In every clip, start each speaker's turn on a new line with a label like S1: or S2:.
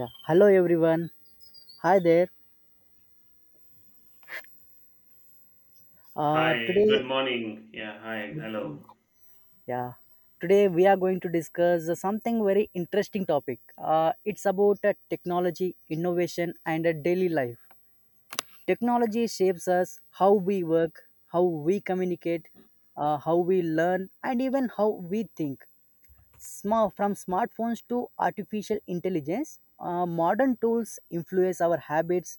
S1: Yeah. Hello everyone. Hi there. Uh,
S2: Hi,
S1: today,
S2: good morning. Yeah, hi, hello.
S1: yeah, today we are going to discuss something very interesting topic. It's about technology, innovation, and daily life. Technology shapes us how we work, how we communicate, how we learn, and even how we think. From smartphones to artificial intelligence, modern tools influence our habits,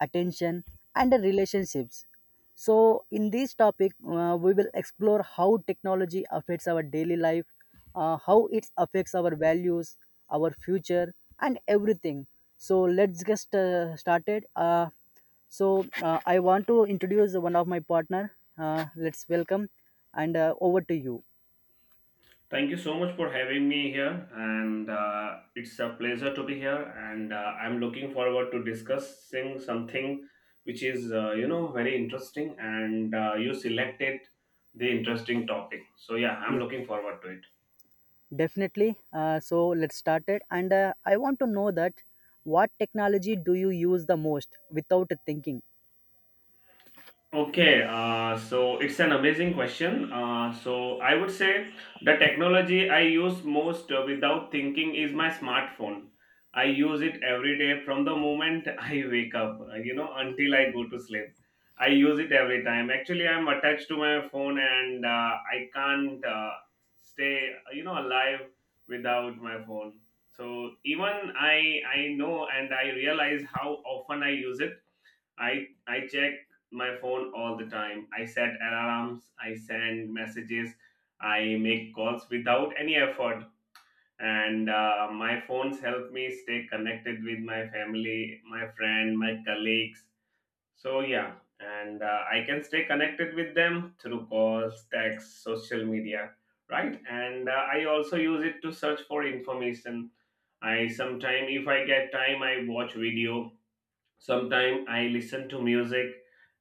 S1: attention, and relationships. So, in this topic, we will explore how technology affects our daily life, how it affects our values, our future, and everything. So, let's get started. I want to introduce one of my partner. Let's welcome and over to you.
S2: Thank you so much for having me here, and it's a pleasure to be here. And I'm looking forward to discussing something which is, very interesting. And you selected the interesting topic, so yeah, I'm
S1: Yeah.
S2: looking forward to it.
S1: Definitely. So let's start it. And I want to know that what technology do you use the most without thinking?
S2: Okay, so it's an amazing question. So I would say the technology I use most without thinking is my smartphone. I use it every day from the moment I wake up, until I go to sleep. I use it every time. Actually, I'm attached to my phone and I can't stay, alive without my phone. So even I know and I realize how often I use it. I check my phone all the time. I set alarms, I send messages, I make calls without any effort. And my phones help me stay connected with my family, my friend, my colleagues. So yeah, and I can stay connected with them through calls, texts, social media, right? And I also use it to search for information. I sometimes, if I get time, I watch video. Sometimes I listen to music,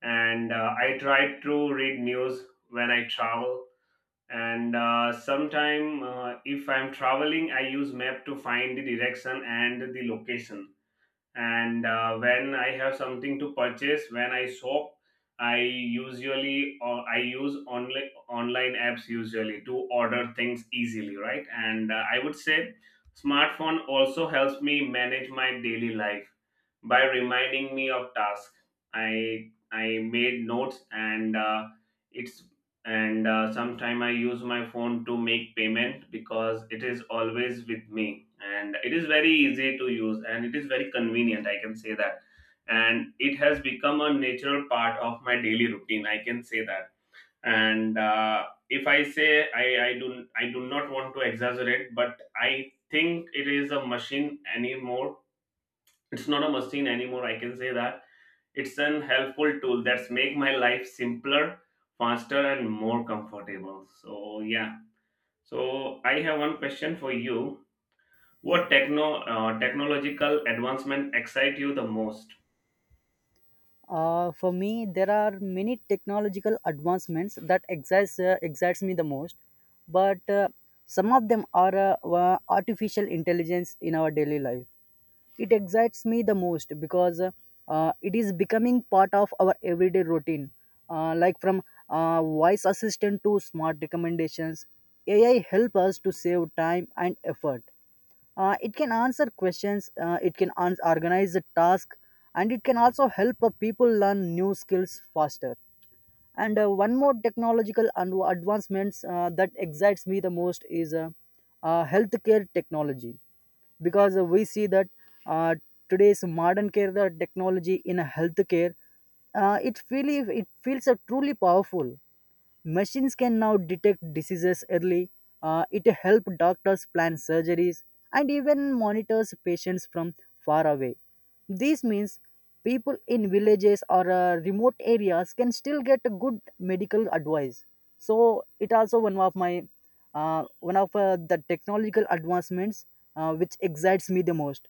S2: and I try to read news when I travel. And sometimes, if I'm traveling, I use map to find the direction and the location, and when I have something to purchase, when I shop, I usually, or I use online apps usually to order things easily, right? And I would say smartphone also helps me manage my daily life by reminding me of tasks. I made notes, and it's and sometime I use my phone to make payment because it is always with me, and it is very easy to use, and it is very convenient, I can say that. And it has become a natural part of my daily routine, I can say that. And if I say, I do, I do not want to exaggerate, but I think it is a machine anymore. It's not a machine anymore, I can say that. It's an helpful tool that's make my life simpler, faster, and more comfortable. So yeah. So I have one question for you. What technological advancement excite you the most?
S1: For me, there are many technological advancements that excites me the most, but some of them are artificial intelligence in our daily life. It excites me the most because it is becoming part of our everyday routine, like from voice assistant to smart recommendations. AI help us to save time and effort. It can answer questions. It can ans organize the task, and it can also help people learn new skills faster. And one more technological and advancements that excites me the most is healthcare technology, because we see that uh, today's modern care, the technology in a healthcare, it really, it feels truly powerful. Machines can now detect diseases early. It helps doctors plan surgeries and even monitors patients from far away. This means people in villages or remote areas can still get a good medical advice. So it also one of my one of the technological advancements which excites me the most.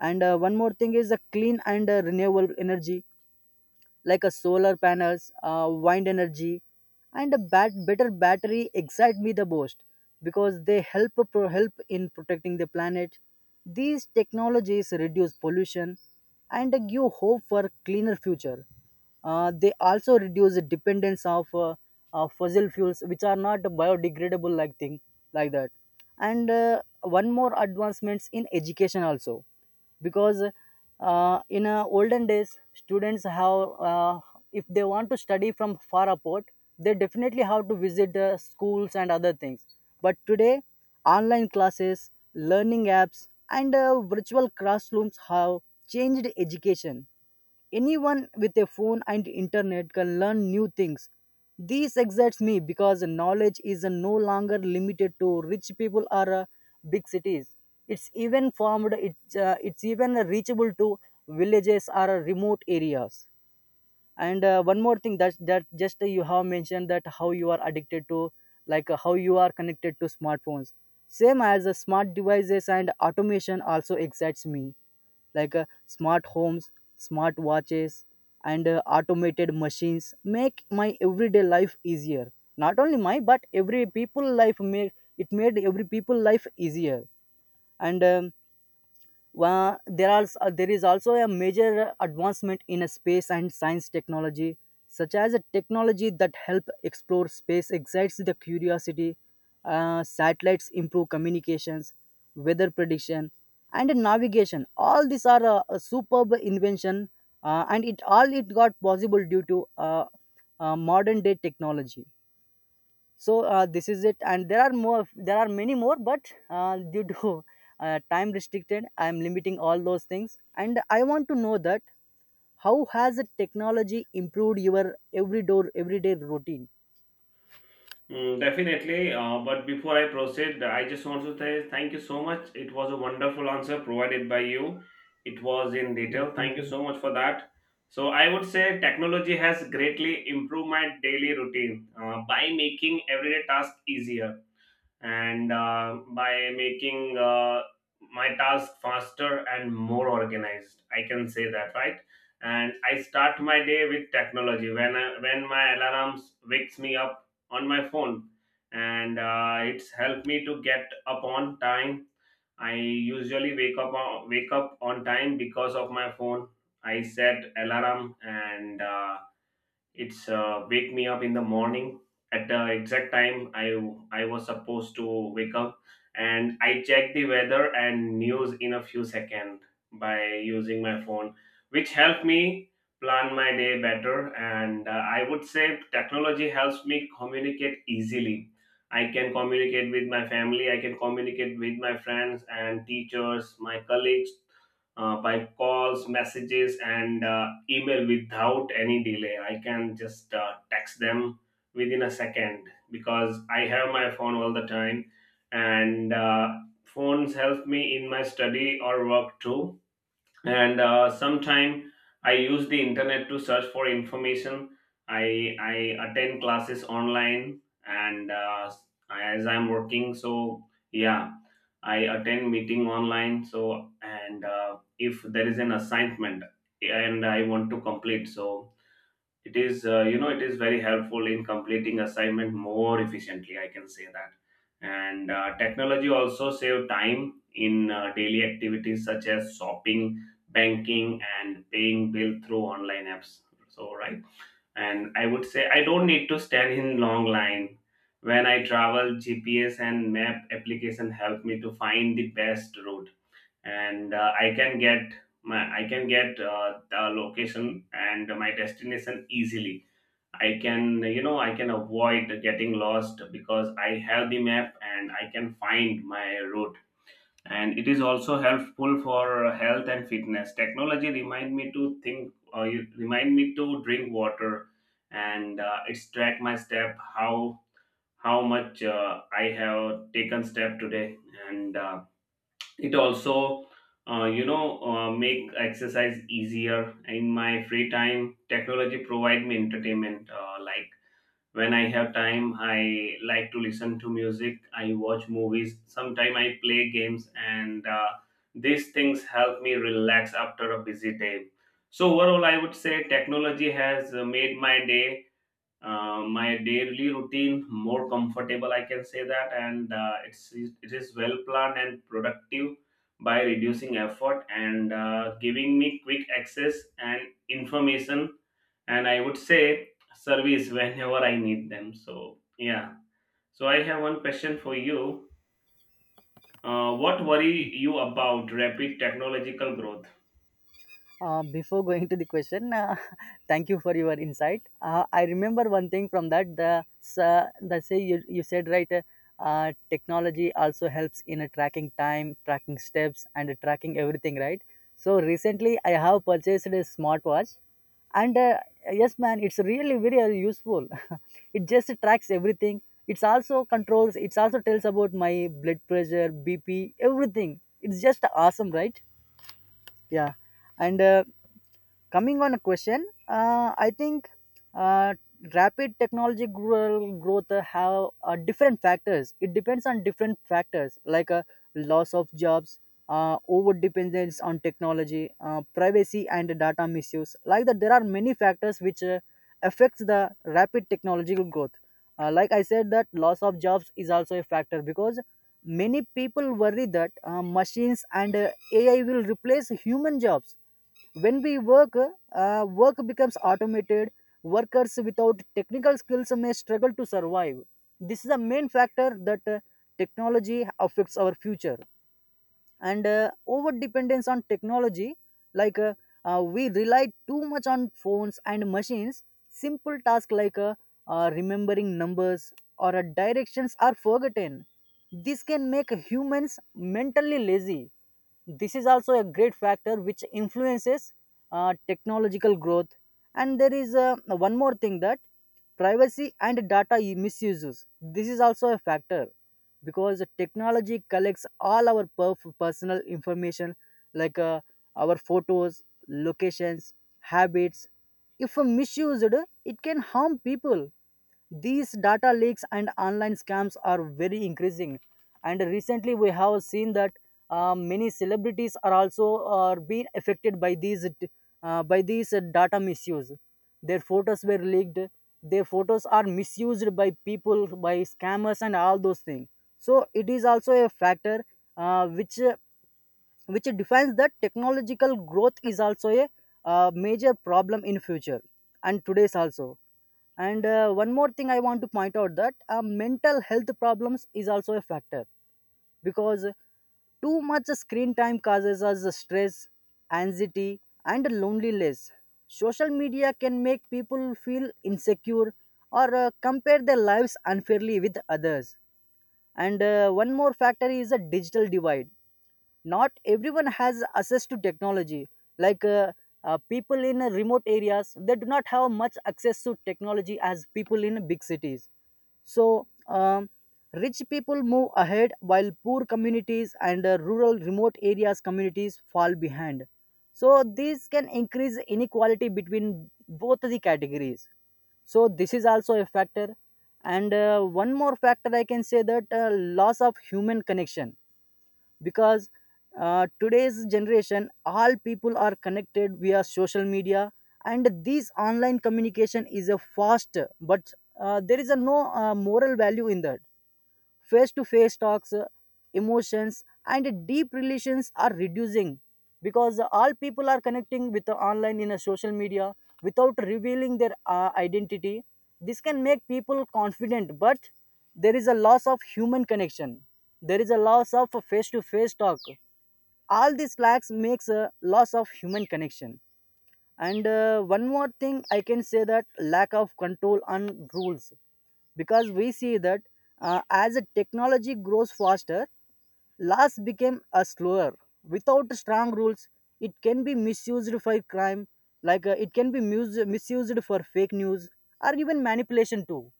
S1: And one more thing is the clean and renewable energy like a solar panels, wind energy, and a better battery excite me the most because they help in protecting the planet. These technologies reduce pollution and give hope for cleaner future. They also reduce the dependence of fossil fuels, which are not biodegradable like thing like that. And one more advancements in education also, because in olden days students have, if they want to study from far apart, they definitely have to visit the schools and other things, but today online classes, learning apps, and virtual classrooms have changed education. Anyone with a phone and internet can learn new things. This excites me because knowledge is no longer limited to rich people or big cities. It's even formed. It's even reachable to villages or remote areas. And one more thing that just you have mentioned, that how you are addicted to, like how you are connected to smartphones. Same as smart devices and automation also excites me, like smart homes, smart watches, and automated machines make my everyday life easier, not only my but every people life made it, made every people life easier. And well, there are there is also a major advancement in space and science technology, such as a technology that help explore space excites the curiosity. Satellites improve communications, weather prediction, and navigation. All these are a superb invention, and it all it got possible due to modern day technology. So this is it, and there are more, there are many more, but due to time restricted I am limiting all those things. And I want to know that how has the technology improved your everyday routine?
S2: Mm, definitely. But before I proceed, I just want to say thank you so much. It was a wonderful answer provided by you. It was in
S1: Yeah,
S2: detail.
S1: thank
S2: Thank you
S1: you.
S2: so much for that. So I would say technology has greatly improved my daily routine by making everyday tasks easier, and by making my task faster and more organized, I can say that, right? And I start my day with technology when my alarms wakes me up on my phone, and it's helped me to get up on time. I usually wake up on time because of my phone. I set alarm, and it's wake me up in the morning at the exact time I was supposed to wake up. And I checked the weather and news in a few seconds by using my phone, which helped me plan my day better. And I would say technology helps me communicate easily. I can communicate with my family, I can communicate with my friends and teachers, my colleagues, by calls, messages, and email without any delay. I can just text them within a second because I have my phone all the time, and phones help me in my study or work too. And sometime I use the internet to search for information. I attend classes online, and as I'm working, so yeah, I attend meeting online. So and if there is an assignment and I want to complete, so it is it is very helpful in completing assignment more efficiently, I can say that. And technology also save time in daily activities such as shopping, banking, and paying bill through online apps. So, right. And I would say I don't need to stand in long line. When I travel, GPS and map application help me to find the best route, and I can get my I can get the location and my destination easily. I can, I can avoid getting lost because I have the map and I can find my route. And it is also helpful for health and fitness. Technology remind me to think, or you remind me to drink water, and it's track my step, how much I have taken step today, and it also. You know, make exercise easier. In my free time, technology provide me entertainment, like when I have time I like to listen to music, I watch movies. Sometimes I play games, and these things help me relax after a busy day. So overall I would say technology has made my day my daily routine more comfortable, I can say that. And it is well planned and productive by reducing effort and giving me quick access and information, and I would say service whenever I need them. So, yeah. So, I have one question for you. What worry you about rapid technological growth?
S1: Before going to the question, thank you for your insight. I remember one thing from that. The say you, you said right. Technology also helps in tracking time, tracking steps, and tracking everything. Right. So recently, I have purchased a smartwatch, and yes, man, it's really very useful. It just tracks everything. It's also controls. It's also tells about my blood pressure, BP, everything. It's just awesome, right? Yeah, and coming on a question, I think uh, rapid technology growth have different factors. It depends on different factors like loss of jobs, over dependence on technology, privacy and data misuse, like that there are many factors which affects the rapid technological growth. Like I said that loss of jobs is also a factor, because many people worry that machines and AI will replace human jobs. When we work, work becomes automated. Workers without technical skills may struggle to survive. This is a main factor that technology affects our future. And over dependence on technology, like we rely too much on phones and machines. Simple tasks like remembering numbers or directions are forgotten. This can make humans mentally lazy. This is also a great factor which influences technological growth. And there is one more thing, that privacy and data misuses, this is also a factor because the technology collects all our personal information, like our photos, locations, habits. If misused, it can harm people. These data leaks and online scams are very increasing, and recently we have seen that many celebrities are also are being affected by these, data misuse. Their photos were leaked. Their photos are misused by people, by scammers and all those things. So it is also a factor which defines that technological growth is also a major problem in future, and today's also. And one more thing I want to point out, that mental health problems is also a factor, because too much screen time causes us stress, anxiety, and loneliness. Social media can make people feel insecure or compare their lives unfairly with others. And one more factor is a digital divide. Not everyone has access to technology, like people in remote areas, they do not have much access to technology as people in big cities. So rich people move ahead, while poor communities and rural remote areas communities fall behind. So this can increase inequality between both the categories. So this is also a factor. And one more factor I can say, that loss of human connection, because today's generation all people are connected via social media, and this online communication is a fast, but there is a no moral value in that. Face to face talks, emotions, and deep relations are reducing, because all people are connecting with the online in a social media without revealing their identity. This can make people confident, but there is a loss of human connection. There is a loss of face to face talk. All this lacks makes a loss of human connection. And one more thing I can say, that lack of control on rules, because we see that as a technology grows faster, laws became a slower. Without strong rules, it can be misused for crime, like it can be misused for fake news or even manipulation too.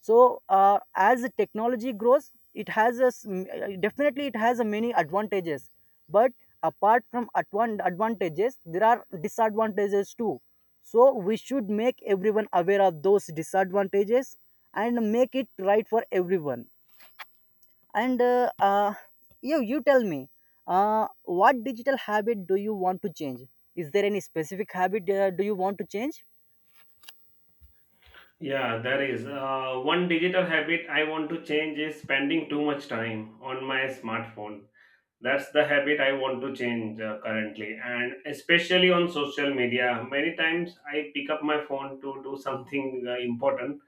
S1: So as technology grows, it has a s- m- definitely it has a many advantages, but advantages there are disadvantages too. So we should make everyone aware of those disadvantages and make it right for everyone. And you tell me, what digital habit do you want to change? Is there any specific habit do you want to change?
S2: Yeah, there is. One digital habit I want to change is spending too much time on my smartphone. That's the habit I want to change currently, and especially on social media. Many times I pick up my phone to do something important,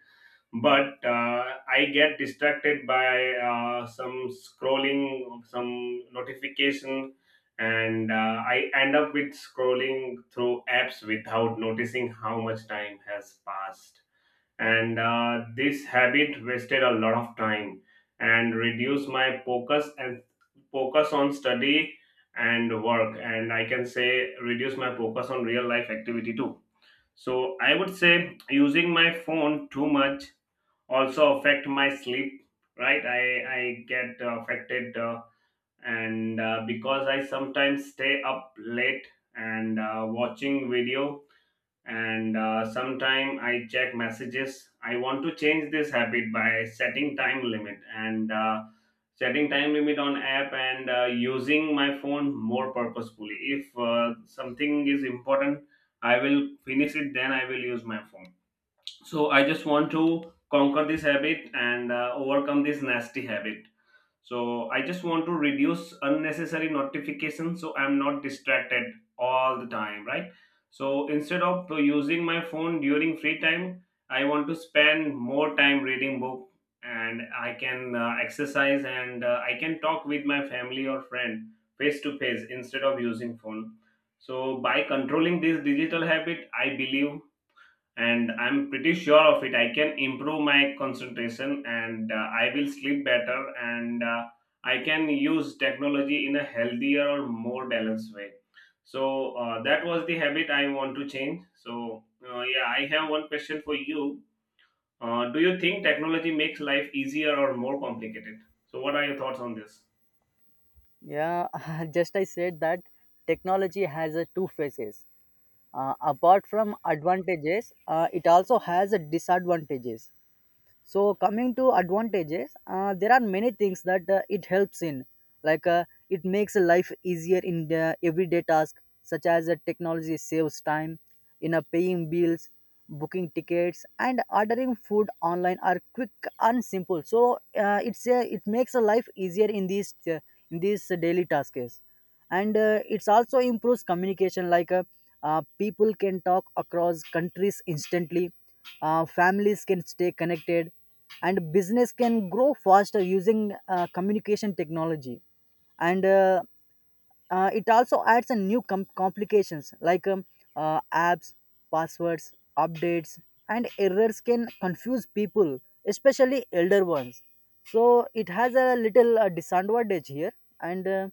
S2: but I get distracted by some scrolling, some notification, and I end up with scrolling through apps without noticing how much time has passed. And this habit wasted a lot of time and reduced my focus and focus on study and work, and I can say reduce my focus on real life activity too. So I would say using my phone too much also affect my sleep, right? I get affected, and because I sometimes stay up late, and watching video, and sometime I check messages. I want to change this habit by setting time limit and setting time limit on app, and using my phone more purposefully. If something is important, I will finish it, then I will use my phone. So I just want to conquer this habit and overcome this nasty habit. So I just want to reduce unnecessary notifications so I'm not distracted all the time, right? So instead of using my phone during free time, I want to spend more time reading book, and I can exercise, and I can talk with my family or friend face to face instead of using phone. So by controlling this digital habit, I believe, and I'm pretty sure of it, I can improve my concentration, and I will sleep better, and I can use technology in a healthier or more balanced way. So that was the habit I want to change. So yeah, I have one question for you. Do you think technology makes life easier or more complicated? So what are your thoughts on this?
S1: Yeah. Just I said that technology has a two faces. Apart from advantages, it also has a disadvantages. So coming to advantages, there are many things that it helps in, like it makes life easier in the everyday task, such as technology saves time in paying bills, booking tickets, and ordering food online are quick and simple. So it makes a life easier in these daily tasks. And it's also improves communication, like people can talk across countries instantly, families can stay connected and business can grow faster using communication technology. And it also adds a new complications like apps, passwords, updates, and errors can confuse people, especially elder ones. So it has a little disadvantage here. And uh,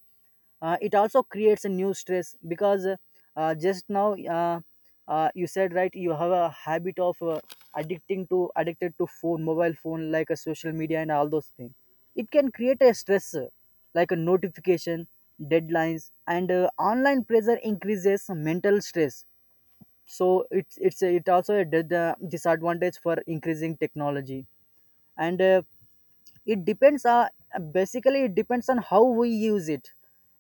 S1: uh, it also creates a new stress because just now you said right, you have a habit of addicting to addicted to phone, mobile phone, like a social media and all those things. It can create a stress, like a notification, deadlines, and online pressure increases mental stress. So it also a disadvantage for increasing technology. And it depends, basically it depends on how we use it.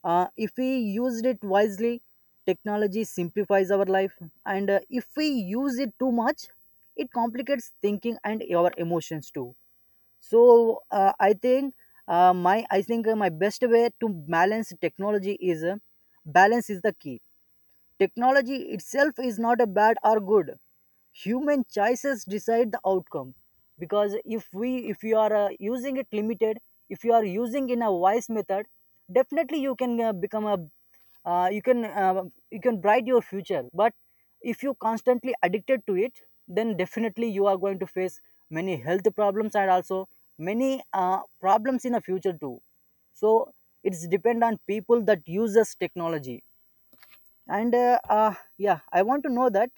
S1: If we used it wisely, technology simplifies our life. And if we use it too much, it complicates thinking and our emotions too. So I think, my I think, my best way to balance technology is balance is the key. Technology itself is not a bad or good. Human choices decide the outcome. Because if you are using it limited, if you are using in a wise method, definitely you can become a, uh, you can, uh, you can bright your future. But if you constantly addicted to it, then definitely you are going to face many health problems and also many problems in the future too. So it's depend on people that uses technology. And yeah, I want to know that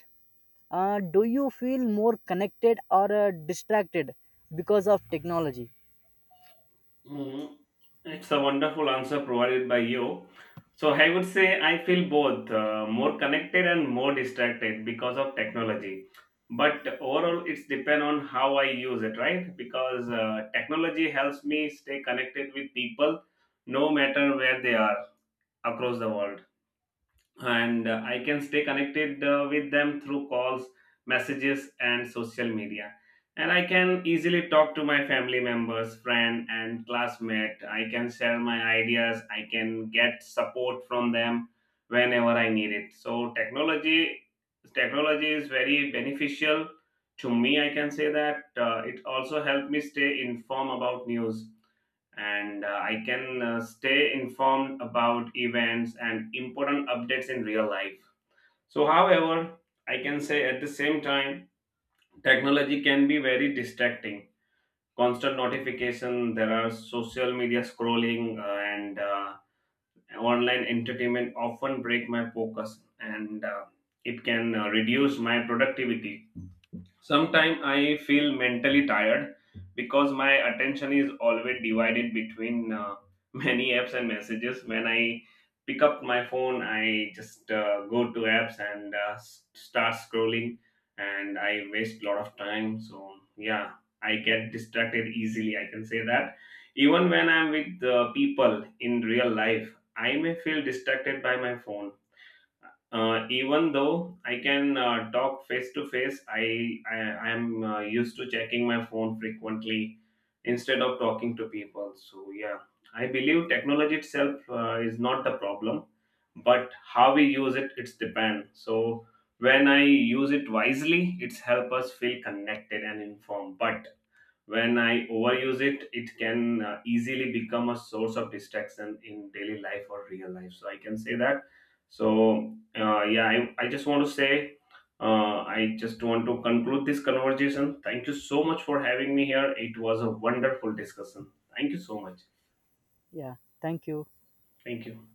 S1: do you feel more connected or distracted because of technology?
S2: Mhm. It's a wonderful answer provided by you. So I would say I feel both more connected and more distracted because of technology. But overall, it's depend on how I use it, right? Because technology helps me stay connected with people, no matter where they are across the world, and I can stay connected with them through calls, messages, and social media. And I can easily talk to my family members, friend, and classmate. I can share my ideas. I can get support from them whenever I need it. So technology is very beneficial to me, I can say that. It also helped me stay informed about news, and I can stay informed about events and important updates in real life. So, however, I can say at the same time, technology can be very distracting. Constant notification, there are social media scrolling, and online entertainment often break my focus, and it can reduce my productivity. Sometimes I feel mentally tired because my attention is always divided between many apps and messages. When I pick up my phone, I just go to apps and start scrolling, and I waste a lot of time. So, yeah, I get distracted easily, I can say that. Even when I'm with people in real life, I may feel distracted by my phone. Even though I can talk face to face, I I am used to checking my phone frequently instead of talking to people. So yeah, I believe technology itself is not the problem, but how we use it, it's depend. So when I use it wisely, it's help us feel connected and informed. But when I overuse it, it can easily become a source of distraction in daily life or real life, so I can say that. So yeah, I just want to say I just want to conclude this conversation. Thank you so much for having me here. It was a wonderful discussion. Thank you so much.
S1: Yeah, thank you.
S2: Thank you.